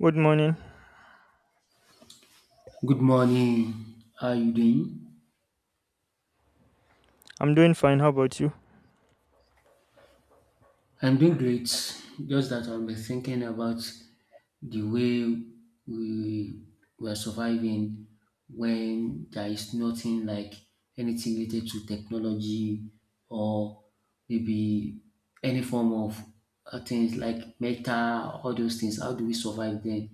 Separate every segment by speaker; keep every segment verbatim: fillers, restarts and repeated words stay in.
Speaker 1: Good morning.
Speaker 2: Good morning. How are you doing?
Speaker 1: I'm doing fine. How about you?
Speaker 2: I'm doing great. Just that I've been thinking about the way we were surviving when there is nothing like anything related to technology or maybe any form of uh, things like meta, all those things. How do we survive then?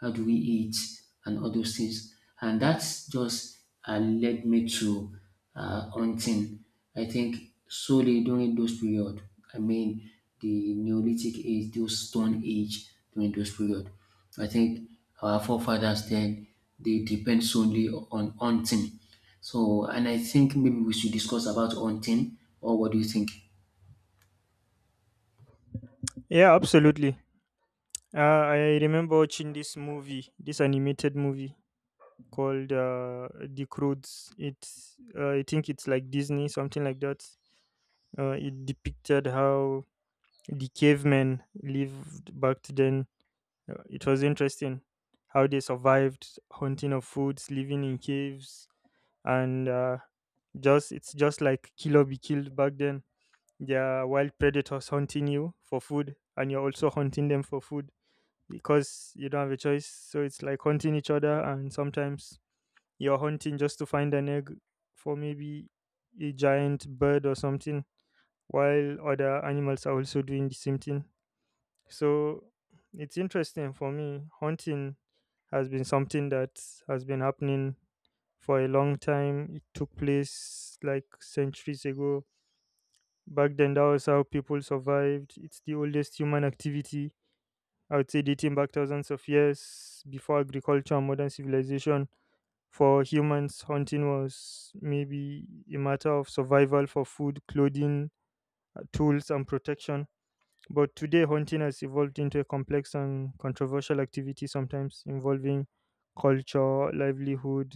Speaker 2: How do we eat, and all those things? And that's just uh, led me to uh, hunting. I think solely during those period, I mean the Neolithic age, those stone age during those period. I think our forefathers then they depend solely on hunting. So, and I think maybe we should discuss about hunting, or what do you think?
Speaker 1: Yeah, absolutely. Uh, I remember watching this movie, this animated movie called uh, The Croods. It, uh, I think it's like Disney, something like that. Uh, it depicted how the cavemen lived back then. Uh, It was interesting how they survived hunting of foods, living in caves, and uh, just it's just like kill or be killed back then. They're wild predators hunting you for food, and you're also hunting them for food because you don't have a choice. So it's like hunting each other, and sometimes you're hunting just to find an egg for maybe a giant bird or something, while other animals are also doing the same thing. So it's interesting for me. Hunting has been something that has been happening for a long time. It took place like centuries ago. Back then, that was how people survived. It's the oldest human activity. I would say dating back thousands of years before agriculture and modern civilization. For humans, hunting was maybe a matter of survival for food, clothing, uh, tools, and protection. But today, hunting has evolved into a complex and controversial activity, sometimes involving culture, livelihood,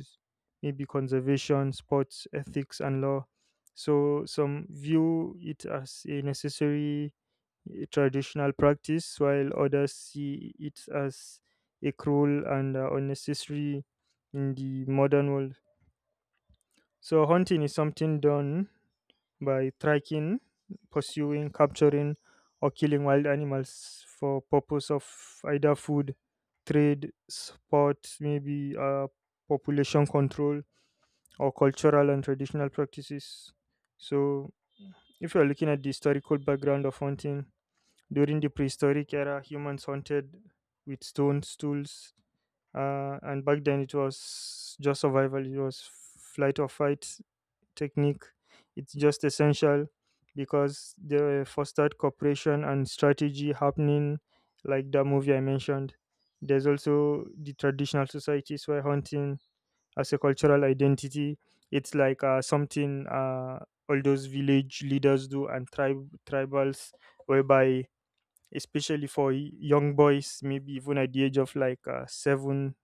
Speaker 1: maybe conservation, sports, ethics, and law. So, some view it as a necessary eh, traditional practice, while others see it as a cruel and uh, unnecessary in the modern world. So, hunting is something done by tracking, pursuing, capturing, or killing wild animals for purpose of either food, trade, sport, maybe uh, population control, or cultural and traditional practices. So, if you're looking at the historical background of hunting, during the prehistoric era, humans hunted with stones, tools, uh, and back then it was just survival. It was flight or fight technique. It's just essential because they fostered cooperation and strategy happening like that movie I mentioned. There's also the traditional societies where hunting as a cultural identity, it's like uh, something uh, all those village leaders do and tribe tribals, whereby especially for y- young boys, maybe even at the age of like uh, seven,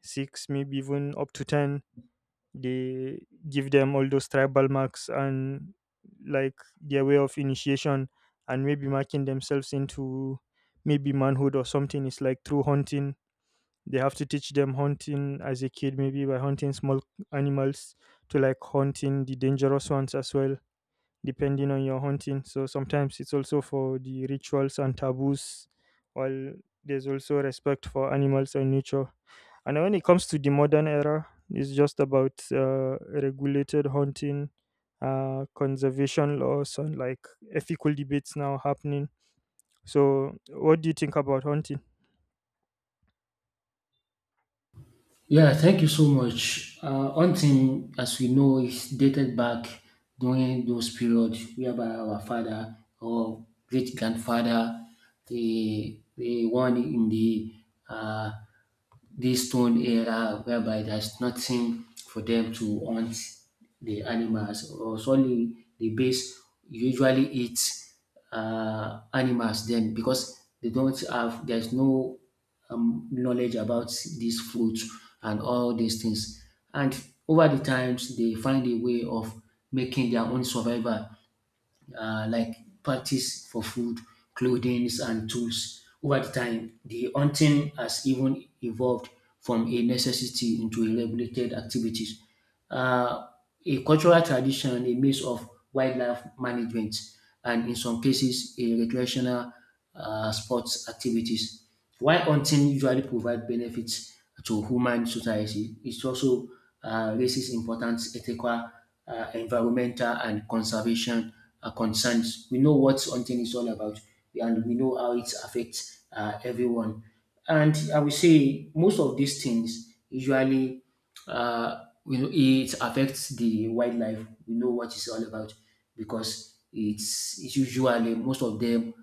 Speaker 1: six, maybe even up to ten, they give them all those tribal marks and like their way of initiation and maybe marking themselves into maybe manhood or something is like through hunting. They have to teach them hunting as a kid, maybe by hunting small animals to like hunting the dangerous ones as well, depending on your hunting. So sometimes it's also for the rituals and taboos, while there's also respect for animals and nature. And when it comes to the modern era, it's just about uh, regulated hunting, uh, conservation laws, and like ethical debates now happening. So, what do you think about hunting?
Speaker 2: Yeah, thank you so much. Uh, hunting, as we know, is dated back during those periods whereby our father or great grandfather, the the one in the uh, this stone era whereby there's nothing for them to hunt the animals or solely the base usually eat uh, animals then, because they don't have, there's no um, knowledge about this fruit and all these things. And over the times they find a way of making their own survival, uh, like parties for food, clothing, and tools. Over the time, the hunting has even evolved from a necessity into a regulated activities. Uh, a cultural tradition, a mix of wildlife management, and in some cases, a recreational uh, sports activities. While hunting usually provide benefits to human society, it also uh, raises important ethical, uh, environmental and conservation uh, concerns. We know what hunting is all about, and we know how it affects uh, everyone. And I would say most of these things usually, uh, you know, it affects the wildlife. We know what it's all about because it's, it's usually most of them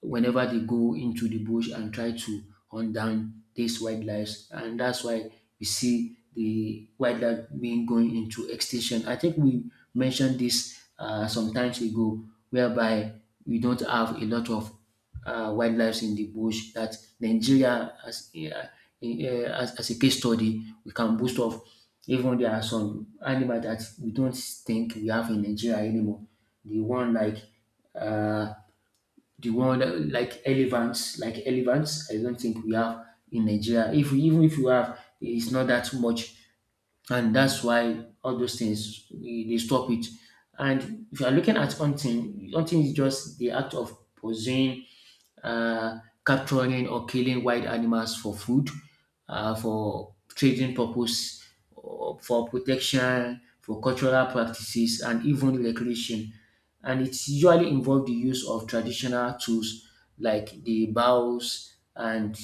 Speaker 2: whenever they go into the bush and try to hunt down these wildlife. And that's why we see the wildlife being going into extinction. I think we mentioned this uh, some times ago, whereby we don't have a lot of uh, wildlife in the bush. That Nigeria, as, a, uh, in, uh, as, as a case study, we can boast of. Even there are some animals that we don't think we have in Nigeria anymore. The one like uh, the one that- Like elephants, like elephants. I don't think we have in Nigeria. If we, even if you have, it's not that much, and that's why all those things eh, they stop it. And if you are looking at hunting, hunting is just the act of possessing, uh, capturing or killing wild animals for food, uh, for trading purpose, or for protection, for cultural practices, and even recreation. And it usually involves the use of traditional tools like the bows and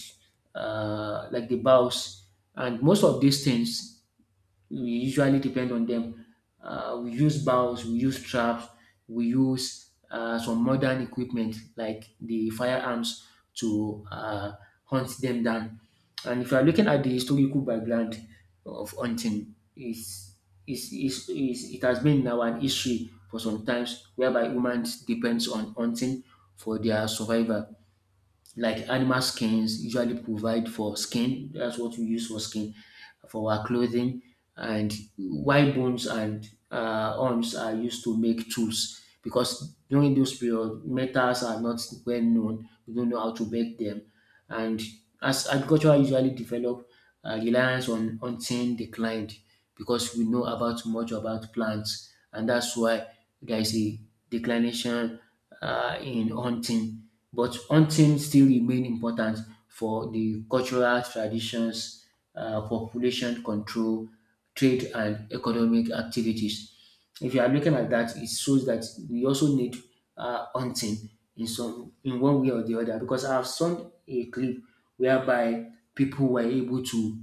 Speaker 2: uh, like the bows. And most of these things we usually depend on them. Uh, we use bows, we use traps, we use uh, some modern equipment like the firearms to uh, hunt them down. And if you are looking at the historical background of hunting, is is is is it has been now an issue for some times whereby humans depends on hunting for their survival. Like animal skins usually provide for skin, that's what we use for skin for our clothing. And wild bones and uh, arms are used to make tools, because during those period metals are not well known, we don't know how to make them. And as agriculture usually develop, um reliance on hunting declined, because we know about much about plants, and that's why there is a declination um in hunting. But hunting still remain important for the cultural traditions, um population control, trade and economic activities. If you are looking at that, it shows that we also need uh, hunting in some, in one way or the other, because I have seen a clip whereby people were able to,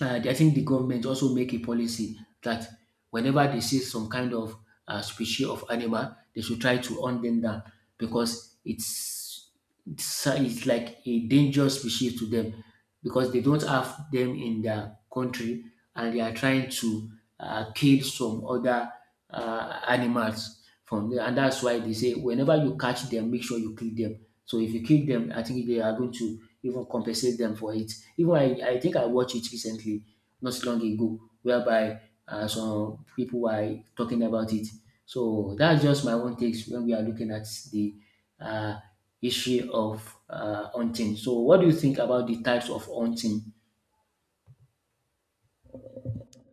Speaker 2: uh, I think the government also make a policy that whenever they see some kind of uh, species of animal, they should try to hunt them down because it's it's, it's like a dangerous species to them, because they don't have them in their country and they are trying to uh, kill some other uh, animals from there. And that's why they say whenever you catch them, make sure you kill them. So if you kill them, I think they are going to even compensate them for it. Even I, I think I watched it recently, not so long ago, whereby uh, some people were talking about it. So that's just my own takes when we are looking at the uh, issue of uh, hunting. So what do you think about the types of hunting?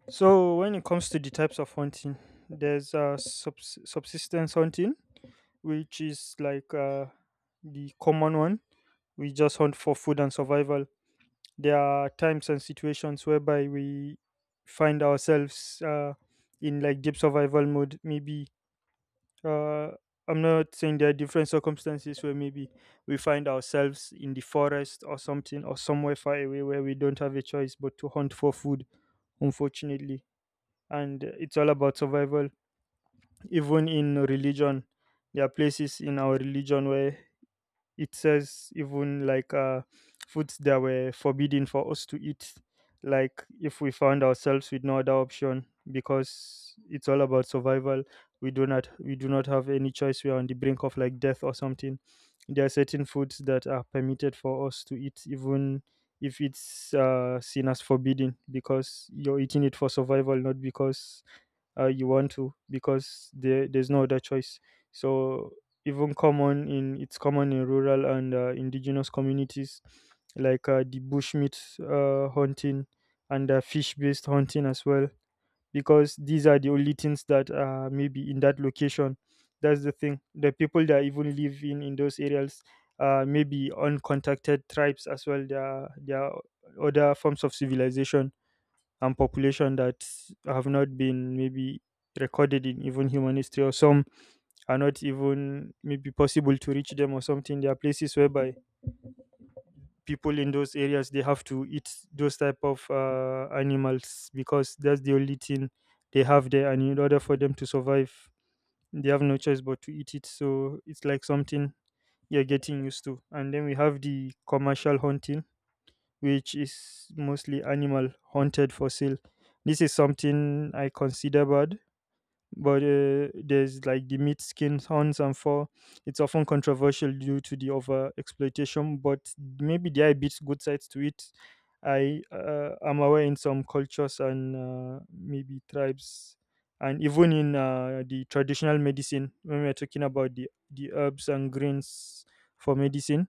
Speaker 1: So, when it comes to the types of hunting, there's uh, subs- subsistence hunting, which is like uh, the common one. We just hunt for food and survival. There are times and situations whereby we find ourselves uh, in like deep survival mode. Maybe uh, i'm not saying there are different circumstances where maybe we find ourselves in the forest or something or somewhere far away where we don't have a choice but to hunt for food, unfortunately, and uh, it's all about survival. Even in religion, there are places in our religion where it says even like uh, foods that were forbidden for us to eat, like if we found ourselves with no other option, because it's all about survival. We do not we do not have any choice. We are on the brink of like death or something. There are certain foods that are permitted for us to eat, even if it's uh, seen as forbidden, because you're eating it for survival, not because uh, you want to, because there, there's no other choice. So even common in it's common in rural and uh, indigenous communities, like uh, the bushmeat uh, hunting and uh, fish based hunting as well, because these are the only things that are maybe in that location. That's the thing, the people that even live in in those areas, uh, maybe uncontacted tribes as well. There are, there are other forms of civilization and population that have not been maybe recorded in even human history, or some are not even maybe possible to reach them or something. There are places whereby people in those areas, they have to eat those type of uh, animals because that's the only thing they have there, and in order for them to survive they have no choice but to eat it. So it's like something you're getting used to. And then we have the commercial hunting, which is mostly animal haunted for sale. This is something I consider bad, but uh, there's like the meat, skin, horns and fur. It's often controversial due to the over exploitation, but maybe there are bits good sides to it. I uh, am aware in some cultures and uh, maybe tribes, and even in uh, the traditional medicine, when we're talking about the the herbs and greens for medicine,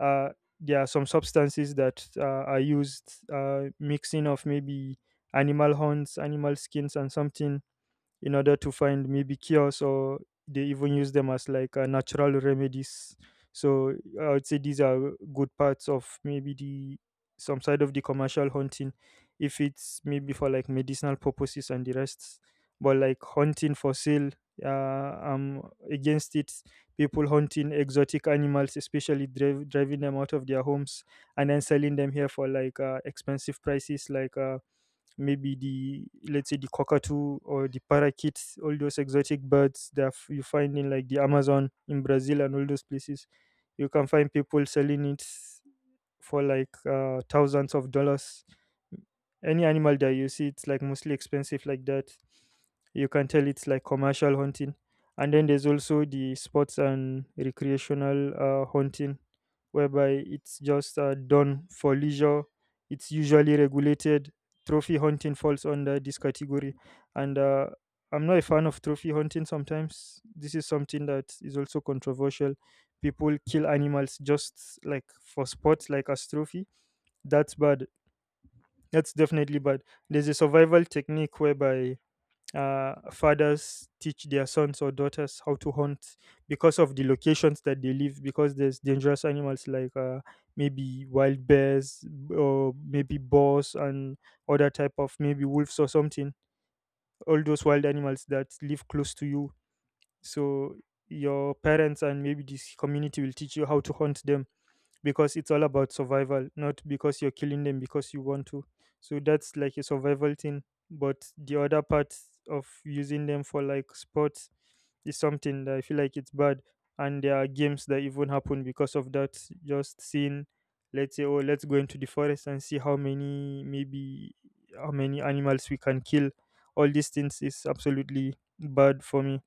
Speaker 1: uh, there are some substances that uh, are used, uh, mixing of maybe animal horns, animal skins and something, in order to find maybe cures, or they even use them as like uh, natural remedies. So I would say these are good parts of maybe the some side of the commercial hunting, if it's maybe for like medicinal purposes and the rest. But like hunting for sale, uh, I'm against it. People hunting exotic animals, especially driv- driving them out of their homes and then selling them here for like uh, expensive prices, like uh, maybe the, let's say, the cockatoo or the parakeet, all those exotic birds that f- you find in like the Amazon in Brazil and all those places. You can find people selling it for like uh, thousands of dollars. Any animal that you see, it's like mostly expensive like that. You can tell it's like commercial hunting. And then there's also the sports and recreational uh, hunting, whereby it's just uh, done for leisure. It's usually regulated. Trophy hunting falls under this category. And uh, I'm not a fan of trophy hunting sometimes. This is something that is also controversial. People kill animals just like for sport, like as trophy. That's bad. That's definitely bad. There's a survival technique whereby uh, fathers teach their sons or daughters how to hunt because of the locations that they live, because there's dangerous animals like uh, maybe wild bears, or maybe boars and other type of maybe wolves or something. All those wild animals that live close to you. So your parents and maybe this community will teach you how to hunt them because it's all about survival, not because you're killing them because you want to. So that's like a survival thing. But the other part of using them for like sports is something that I feel like it's bad. And there are games that even happen because of that. Just seeing, let's say, oh, let's go into the forest and see how many, maybe, how many animals we can kill. All these things is absolutely bad for me.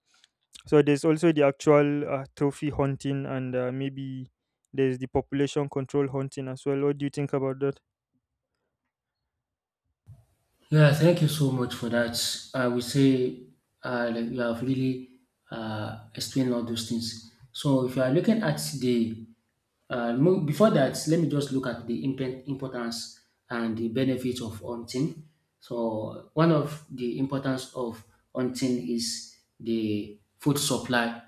Speaker 1: So there's also the actual uh, trophy hunting, and uh, maybe there's the population control hunting as well. What do you think about that?
Speaker 2: Yeah, thank you so much for that. I will say uh, like you have really uh, explained all those things. So if you are looking at the uh, mo- before that, let me just look at the impen- importance and the benefits of hunting. So, one of the importance of hunting is the food supply.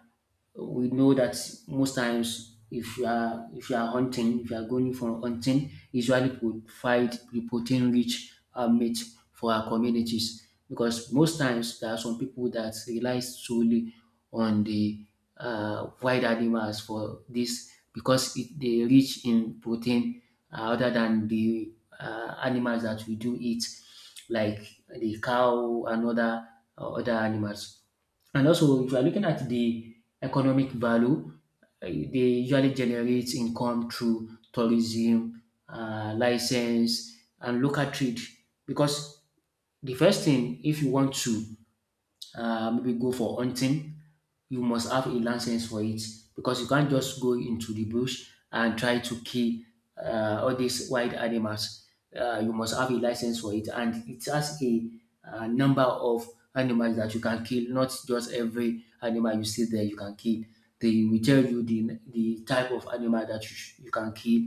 Speaker 2: We know that most times, if you are if you are hunting, if you are going for hunting, usually provide the protein rich uh, meat for our communities, because most times there are some people that rely solely on the uh, wild animals for this, because it, they rich in protein, uh, other than the uh, animals that we do eat, like the cow and other uh, other animals. And also, if you are looking at the economic value, uh, they usually generate income through tourism, uh, license, and local trade. Because the first thing, if you want to uh, maybe go for hunting, you must have a license for it, because you can't just go into the bush and try to kill uh, all these wild animals. Uh, you must have a license for it, and it has a uh, number of animals that you can kill, not just every animal you see there you can kill. They will tell you the, the type of animal that you, sh- you can kill,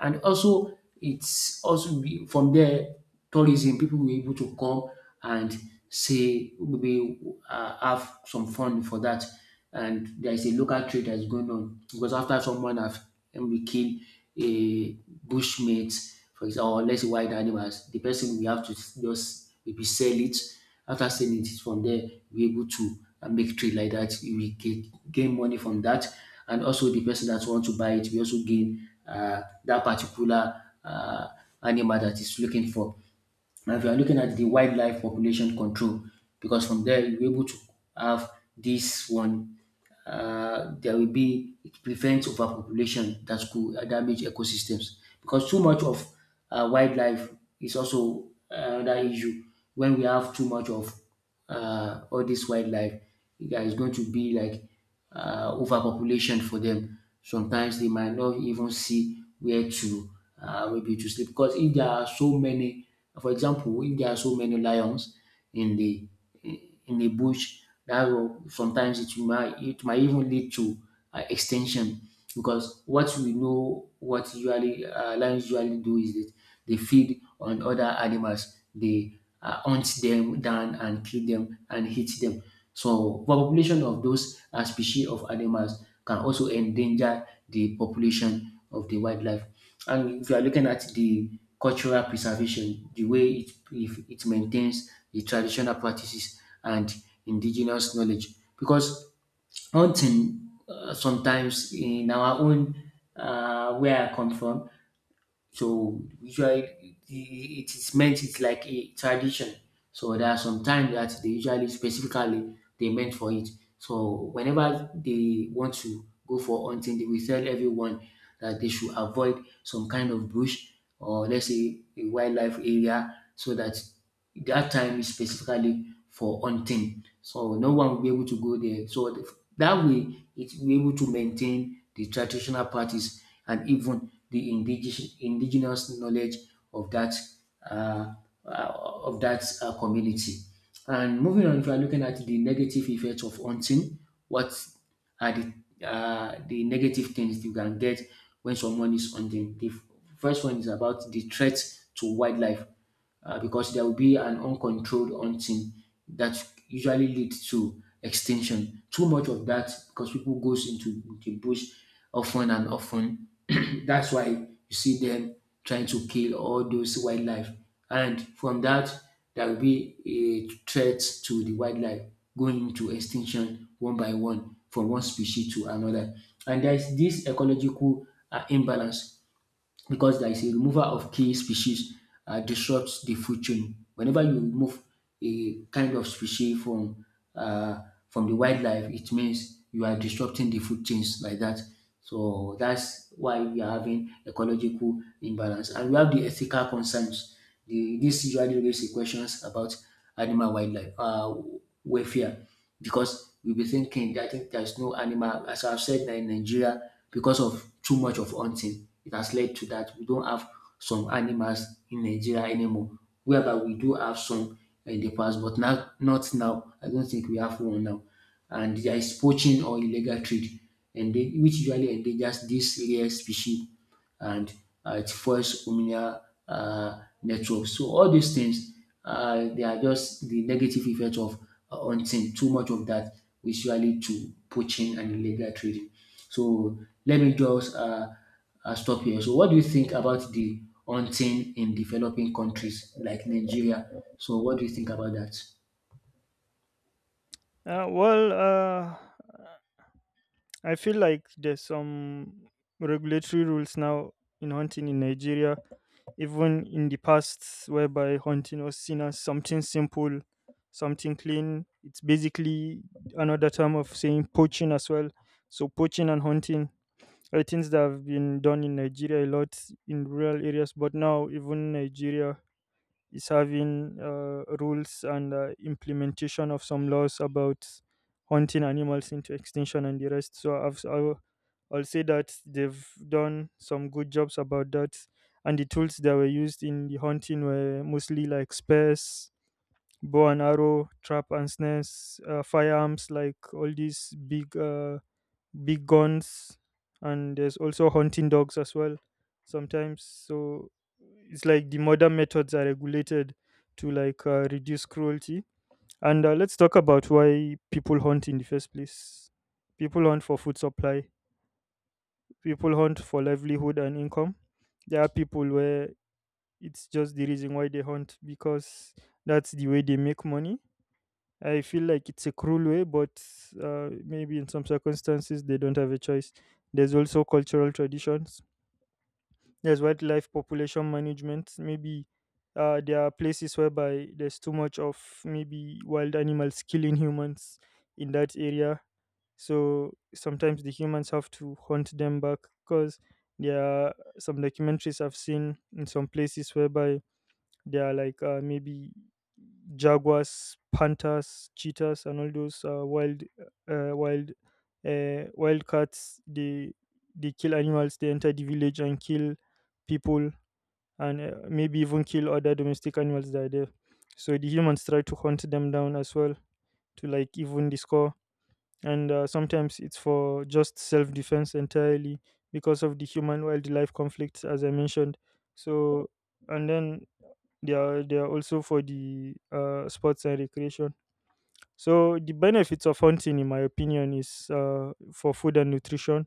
Speaker 2: and also it's also be- from there tourism, people will be able to come and say, maybe uh, have some fun for that. And there is a local trade that's going on, because after someone have maybe killed a bushmate, for example, or let's say wild animals, the person will have to just maybe sell it. After selling it from there, we able to uh, make trade like that. We get, gain money from that, and also the person that want to buy it, we also gain uh, that particular. Uh, animal that is looking for. And if you are looking at the wildlife population control, because from there you'll able to have this one, uh, there will be, it prevents overpopulation that could uh, damage ecosystems. Because too much of uh, wildlife is also another issue. When we have too much of uh, all this wildlife, there is going to be like uh, overpopulation for them. Sometimes they might not even see where to uh, maybe to sleep, because if there are so many, for example if there are so many lions in the in the bush dat, sometimes it might it might even lead to uh, extension, because what we know what usually uh, lions usually do is that they feed on other animals, they uh, hunt them down and kill them and eat them. So overpopulation of those uh, species of animals can also endanger the population of the wildlife. And if you are looking at the cultural preservation, the way it, if it maintains the traditional practices and indigenous knowledge, because hunting uh, sometimes in our own uh, where I come from. So usually it it is meant, it's like a tradition. So there are some time that they usually specifically they meant for it. So whenever they want to go for hunting, they will tell everyone that they should avoid some kind of bush or let's say a wildlife area, so that that time is specifically for hunting. So no one will be able to go there. So that way, it will be able to maintain the traditional practice and even the indigenous, indigenous knowledge of that uh, uh, of that uh, community. And moving on, if you are looking at the negative effects of hunting, what are the uh, the negative things you can get when someone is hunting? The f- first one is about the threat to wildlife, uh, because there will be an uncontrolled hunting that usually leads to extinction. Too much of that, because people goes into the bush often and often. That's why you see them trying to kill all those wildlife, and from that there will be a threat to the wildlife going into extinction one by one, from one species to another. And there is this ecological uh, imbalance, because there is a removal of key species uh, disrupts the food chain. Whenever you remove a kind of species from uh, from the wildlife, it means you are disrupting the food chains like that. So that's why we are having ecological imbalance, and we have the ethical concerns. The, this usually raises questions about animal wildlife uh, welfare because we'll be thinking I think there's no animal as I've said that in Nigeria because of too much of hunting it has led to that we don't have some animals in Nigeria anymore whereby we do have some in the past but now not now I don't think we have one now and there is poaching or illegal trade and they, which usually endangers these rare species and uh, it fuels communal uh, networks. So all these things, uh, they are just the negative effect of uh, hunting. Too much of that, which usually to poaching and illegal trading. So let me just uh, uh, stop here. So what do you think about the hunting in developing countries like Nigeria? So what do you think about that?
Speaker 1: Uh, well, uh, I feel like there's some regulatory rules now in hunting in Nigeria, even in the past, whereby hunting was seen as something simple, something clean. It's basically another term of saying poaching as well. So poaching and hunting, uh, things that have been done in Nigeria a lot in rural areas, but now even Nigeria is having uh, rules and uh, implementation of some laws about hunting animals into extinction and the rest. So I've, I'll, I'll say that they've done some good jobs about that, and the tools that were used in the hunting were mostly like spears, bow and arrow, trap and snares, uh, firearms like all these big uh, big guns, and there's also hunting dogs as well sometimes. So it's like the modern methods are regulated to like uh, reduce cruelty. And uh, let's talk about why people hunt in the first place. People hunt for food supply. People hunt for livelihood and income. There are people where it's just the reason why they hunt, because that's the way they make money. I feel like it's a cruel way, but uh, maybe in some circumstances they don't have a choice. There's also cultural traditions. There's wildlife population management. Maybe uh, there are places whereby there's too much of maybe wild animals killing humans in that area. So sometimes the humans have to hunt them back, because there are some documentaries I've seen in some places whereby they are like uh, maybe jaguars, panthers, cheetahs, and all those uh, wild, uh, wild, uh, wild cats. They they kill animals. They enter the village and kill people, and uh, maybe even kill other domestic animals that are there. So the humans try to hunt them down as well to like even the score. And uh, Sometimes it's for just self defense entirely because of the human wildlife conflicts, as I mentioned. So and then they are they are also for the uh, sports and recreation. So the benefits of hunting, in my opinion, is uh, for food and nutrition.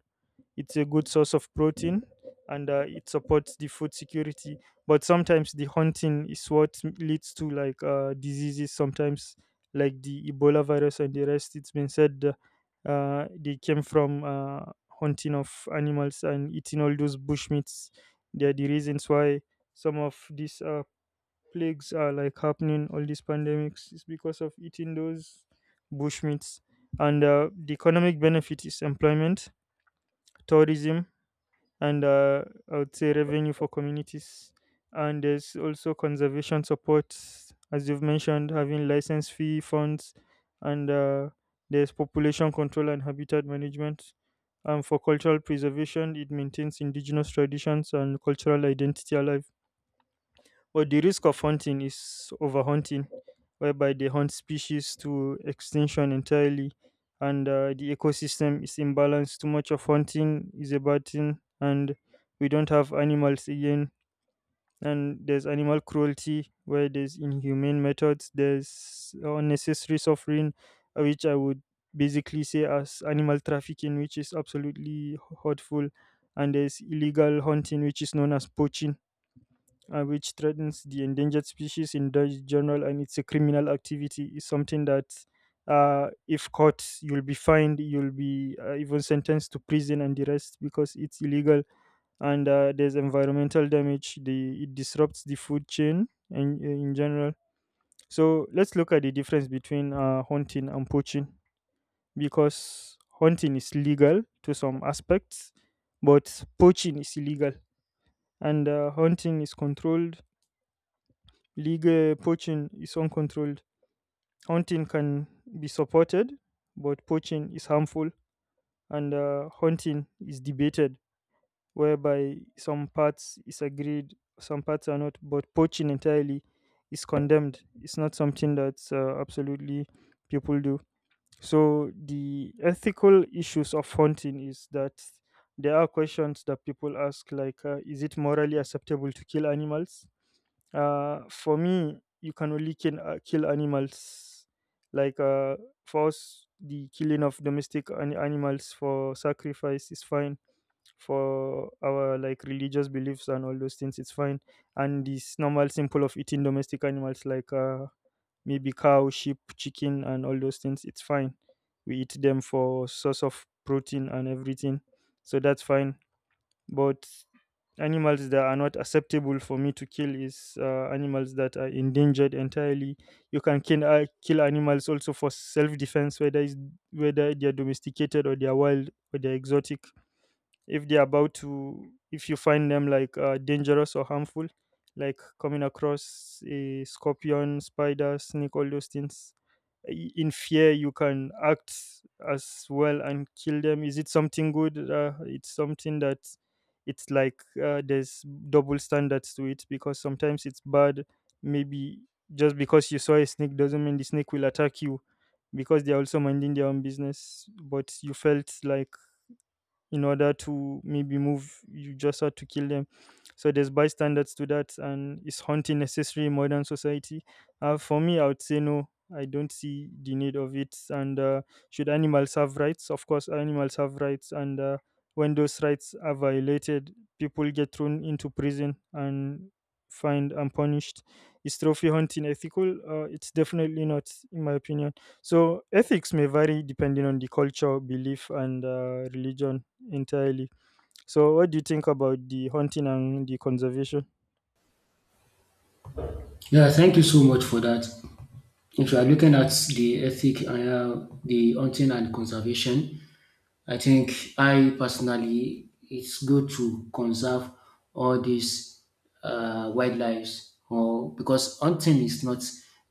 Speaker 1: It's a good source of protein, and uh, it supports the food security. But sometimes the hunting is what m- leads to like uh, diseases. Sometimes like the Ebola virus and the rest. It's been said uh, uh, they came from uh, hunting of animals and eating all those bush meats. They are the reasons why some of these uh, plagues are like happening, all these pandemics, is because of eating those bushmeats. And uh, The economic benefit is employment, tourism, and uh, I would say revenue for communities. And there's also conservation support, as you've mentioned, having license fee funds, and uh, there's population control and habitat management. Um, for cultural preservation, it maintains indigenous traditions and cultural identity alive, but the risk of hunting is overhunting, whereby they hunt species to extinction entirely, and uh, the ecosystem is imbalanced. Too much of hunting is a bad thing, and we don't have animals again. And there's animal cruelty, where there's inhumane methods, there's unnecessary suffering, uh, which I would basically say as animal trafficking, which is absolutely hurtful, and there's illegal hunting, which is known as poaching, uh, which threatens the endangered species in ge- general, and it's a criminal activity. It's something that, uh, if caught, you'll be fined, you'll be uh, even sentenced to prison and the rest because it's illegal. And uh, There's environmental damage. The It disrupts the food chain and in, uh, in general. So let's look at the difference between uh, hunting and poaching, because hunting is legal to some aspects, but poaching is illegal, and uh, hunting is controlled. League poaching is uncontrolled. Hunting can be supported, but poaching is harmful, and uh, hunting is debated, whereby some parts is agreed, some parts are not. But poaching entirely is condemned. It's not something that's uh, absolutely people do. So the ethical issues of hunting is that there are questions that people ask, like, uh, is it morally acceptable to kill animals? Uh, for me, you can only kill, uh, kill animals. Like uh, for us, the killing of domestic an- animals for sacrifice is fine. For our like religious beliefs and all those things, it's fine. And this normal simple of eating domestic animals like uh, maybe cow, sheep, chicken, and all those things, it's fine. We eat them for source of protein and everything, so that's fine. But animals that are not acceptable for me to kill is uh, animals that are endangered entirely. You can kill, uh, kill animals also for self defense, whether, it's, whether they are domesticated or they are wild or they are exotic, if they're about to, if you find them like uh, dangerous or harmful, like coming across a scorpion, spider, snake, all those things, i- in fear you can act as well and kill them. Is it something good? Uh, it's something that, it's like uh, there's double standards to it, because sometimes it's bad. Maybe just because you saw a snake doesn't mean the snake will attack you, because they're also minding their own business, but you felt like, in order to maybe move, you just had to kill them. So there's bystanders to that. And is hunting necessary in modern society? Uh, for me, I would say no, I don't see the need of it. And uh, should animals have rights? Of course animals have rights, and uh, when those rights are violated, people get thrown into prison and fined and punished. Is trophy hunting ethical? Uh, it's definitely not, in my opinion. So ethics may vary depending on the culture, belief, and uh, religion entirely. So, what do you think about the hunting and the conservation?
Speaker 2: Yeah, thank you so much for that. If you are looking at the ethic, uh, the hunting and conservation, I think I personally, it's good to conserve all these uh, wildlife or because hunting is not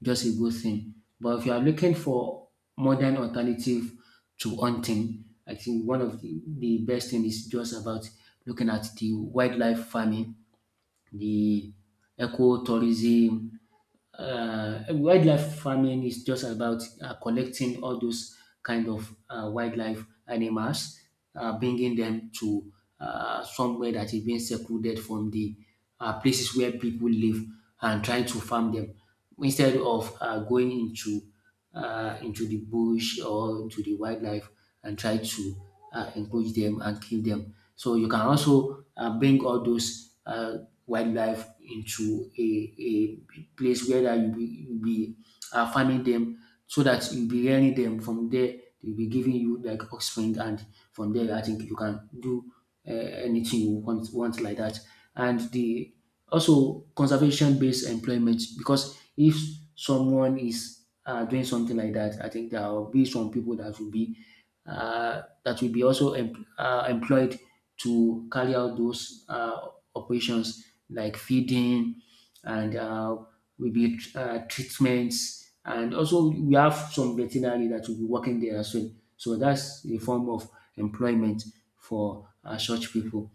Speaker 2: just a good thing. But if you are looking for modern alternative to hunting, I think one of the, the best thing is just about looking at the wildlife farming, the ecotourism. Uh, wildlife farming is just about uh, collecting all those kind of uh, wildlife animals, uh, bringing them to uh, somewhere that is being secluded from the uh, places where people live and trying to farm them instead of uh, going into uh, into the bush or into the wildlife and try to uh, encourage them and kill them. So you can also uh, bring all those uh, wildlife into a, a place where that you be, you be uh, farming them so that you'll be rearing them from there. They'll be giving you like offspring, and from there, I think you can do uh, anything you want, want like that. And the also conservation based employment because if someone is uh, doing something like that, I think there will be some people that will be uh, that will be also em- uh, employed to carry out those uh, operations like feeding and uh, will be uh, treatments, and also we have some veterinary that will be working there as well. So that's a form of employment for uh, such people.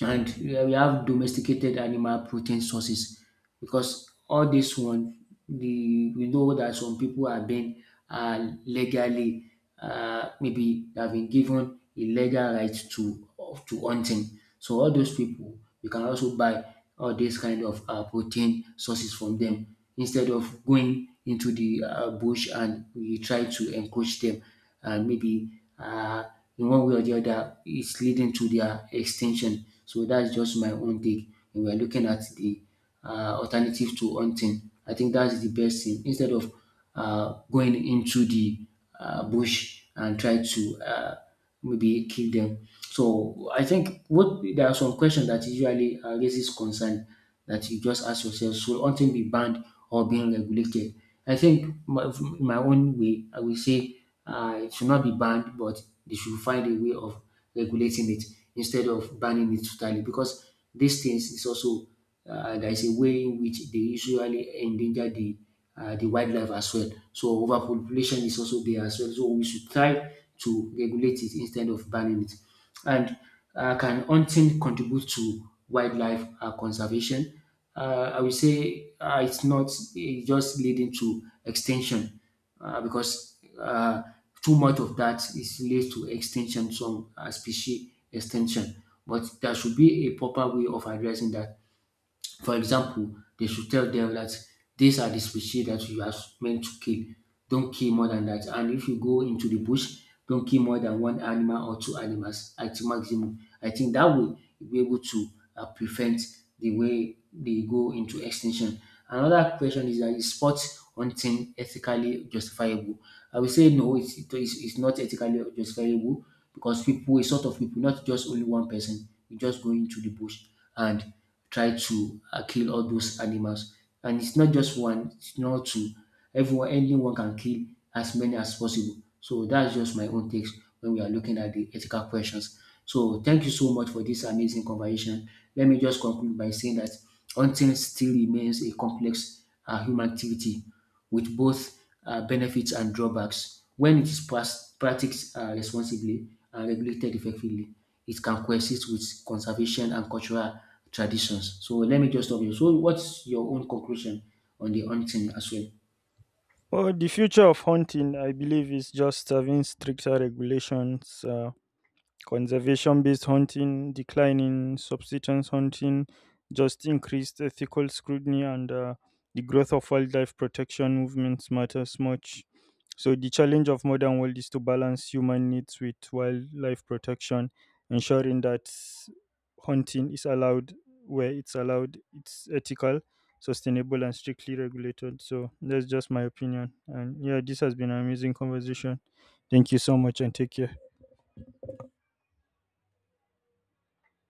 Speaker 2: And yeah, we have domesticated animal protein sources because all this one the we know that some people have been uh, legally uh, maybe they have been given a legal right to to hunting, so all those people you can also buy all this kind of uh, protein sources from them instead of going into the uh, bush and we try to encroach them and maybe uh, in one way or the other it's leading to their extinction. So that's just my own take. And we're looking at the uh, alternative to hunting. I think that's the best thing instead of uh, going into the uh, bush and try to uh, maybe kill them. So I think what there are some questions that usually uh, raises concern that you just ask yourself: Should hunting be banned or being regulated? I think my, from my own way, I will say uh, it should not be banned, but they should find a way of regulating it instead of banning it totally because these things is also uh, there is a way in which they usually endanger the uh, the wildlife as well. So overpopulation is also there as well. So we should try to regulate it instead of banning it. And uh, can hunting contribute to wildlife uh, conservation? Uh, I would say uh, it's not it's just leading to extinction uh, because uh, too much of that is leads to extinction, some uh, species extinction. But there should be a proper way of addressing that. For example, they should tell them that these are the species that you are meant to kill. Don't kill more than that. And if you go into the bush, don't kill more than one animal or two animals at maximum. I think that will be able to uh, prevent the way they go into extinction. Another question is that is sport hunting ethically justifiable? I will say no, it's, it- it's, it's not ethically justifiable because people, a sort of people, not just only one person, you just go into the bush and try to uh, kill all those animals. And it's not just one, it's not two. Everyone, anyone can kill as many as possible. So that's just my own takes when we are looking at the ethical questions. So thank you so much for this amazing conversation. Let me just conclude by saying that hunting still remains a complex uh, human activity with both uh, benefits and drawbacks. When it is pras- practiced uh, responsibly and regulated effectively, it can coexist with conservation and cultural traditions. So let me just stop you. So what's your own conclusion on the hunting as well?
Speaker 1: Well, the future of hunting, I believe, is just having stricter regulations, uh, conservation based hunting, declining subsistence hunting, just increased ethical scrutiny, and uh, the growth of wildlife protection movements matters much. So, the challenge of modern world is to balance human needs with wildlife protection, ensuring that hunting is allowed, where it's allowed, it's ethical, sustainable, and strictly regulated. So, that's just my opinion. And yeah, this has been an amazing conversation. Thank you so much, and take care.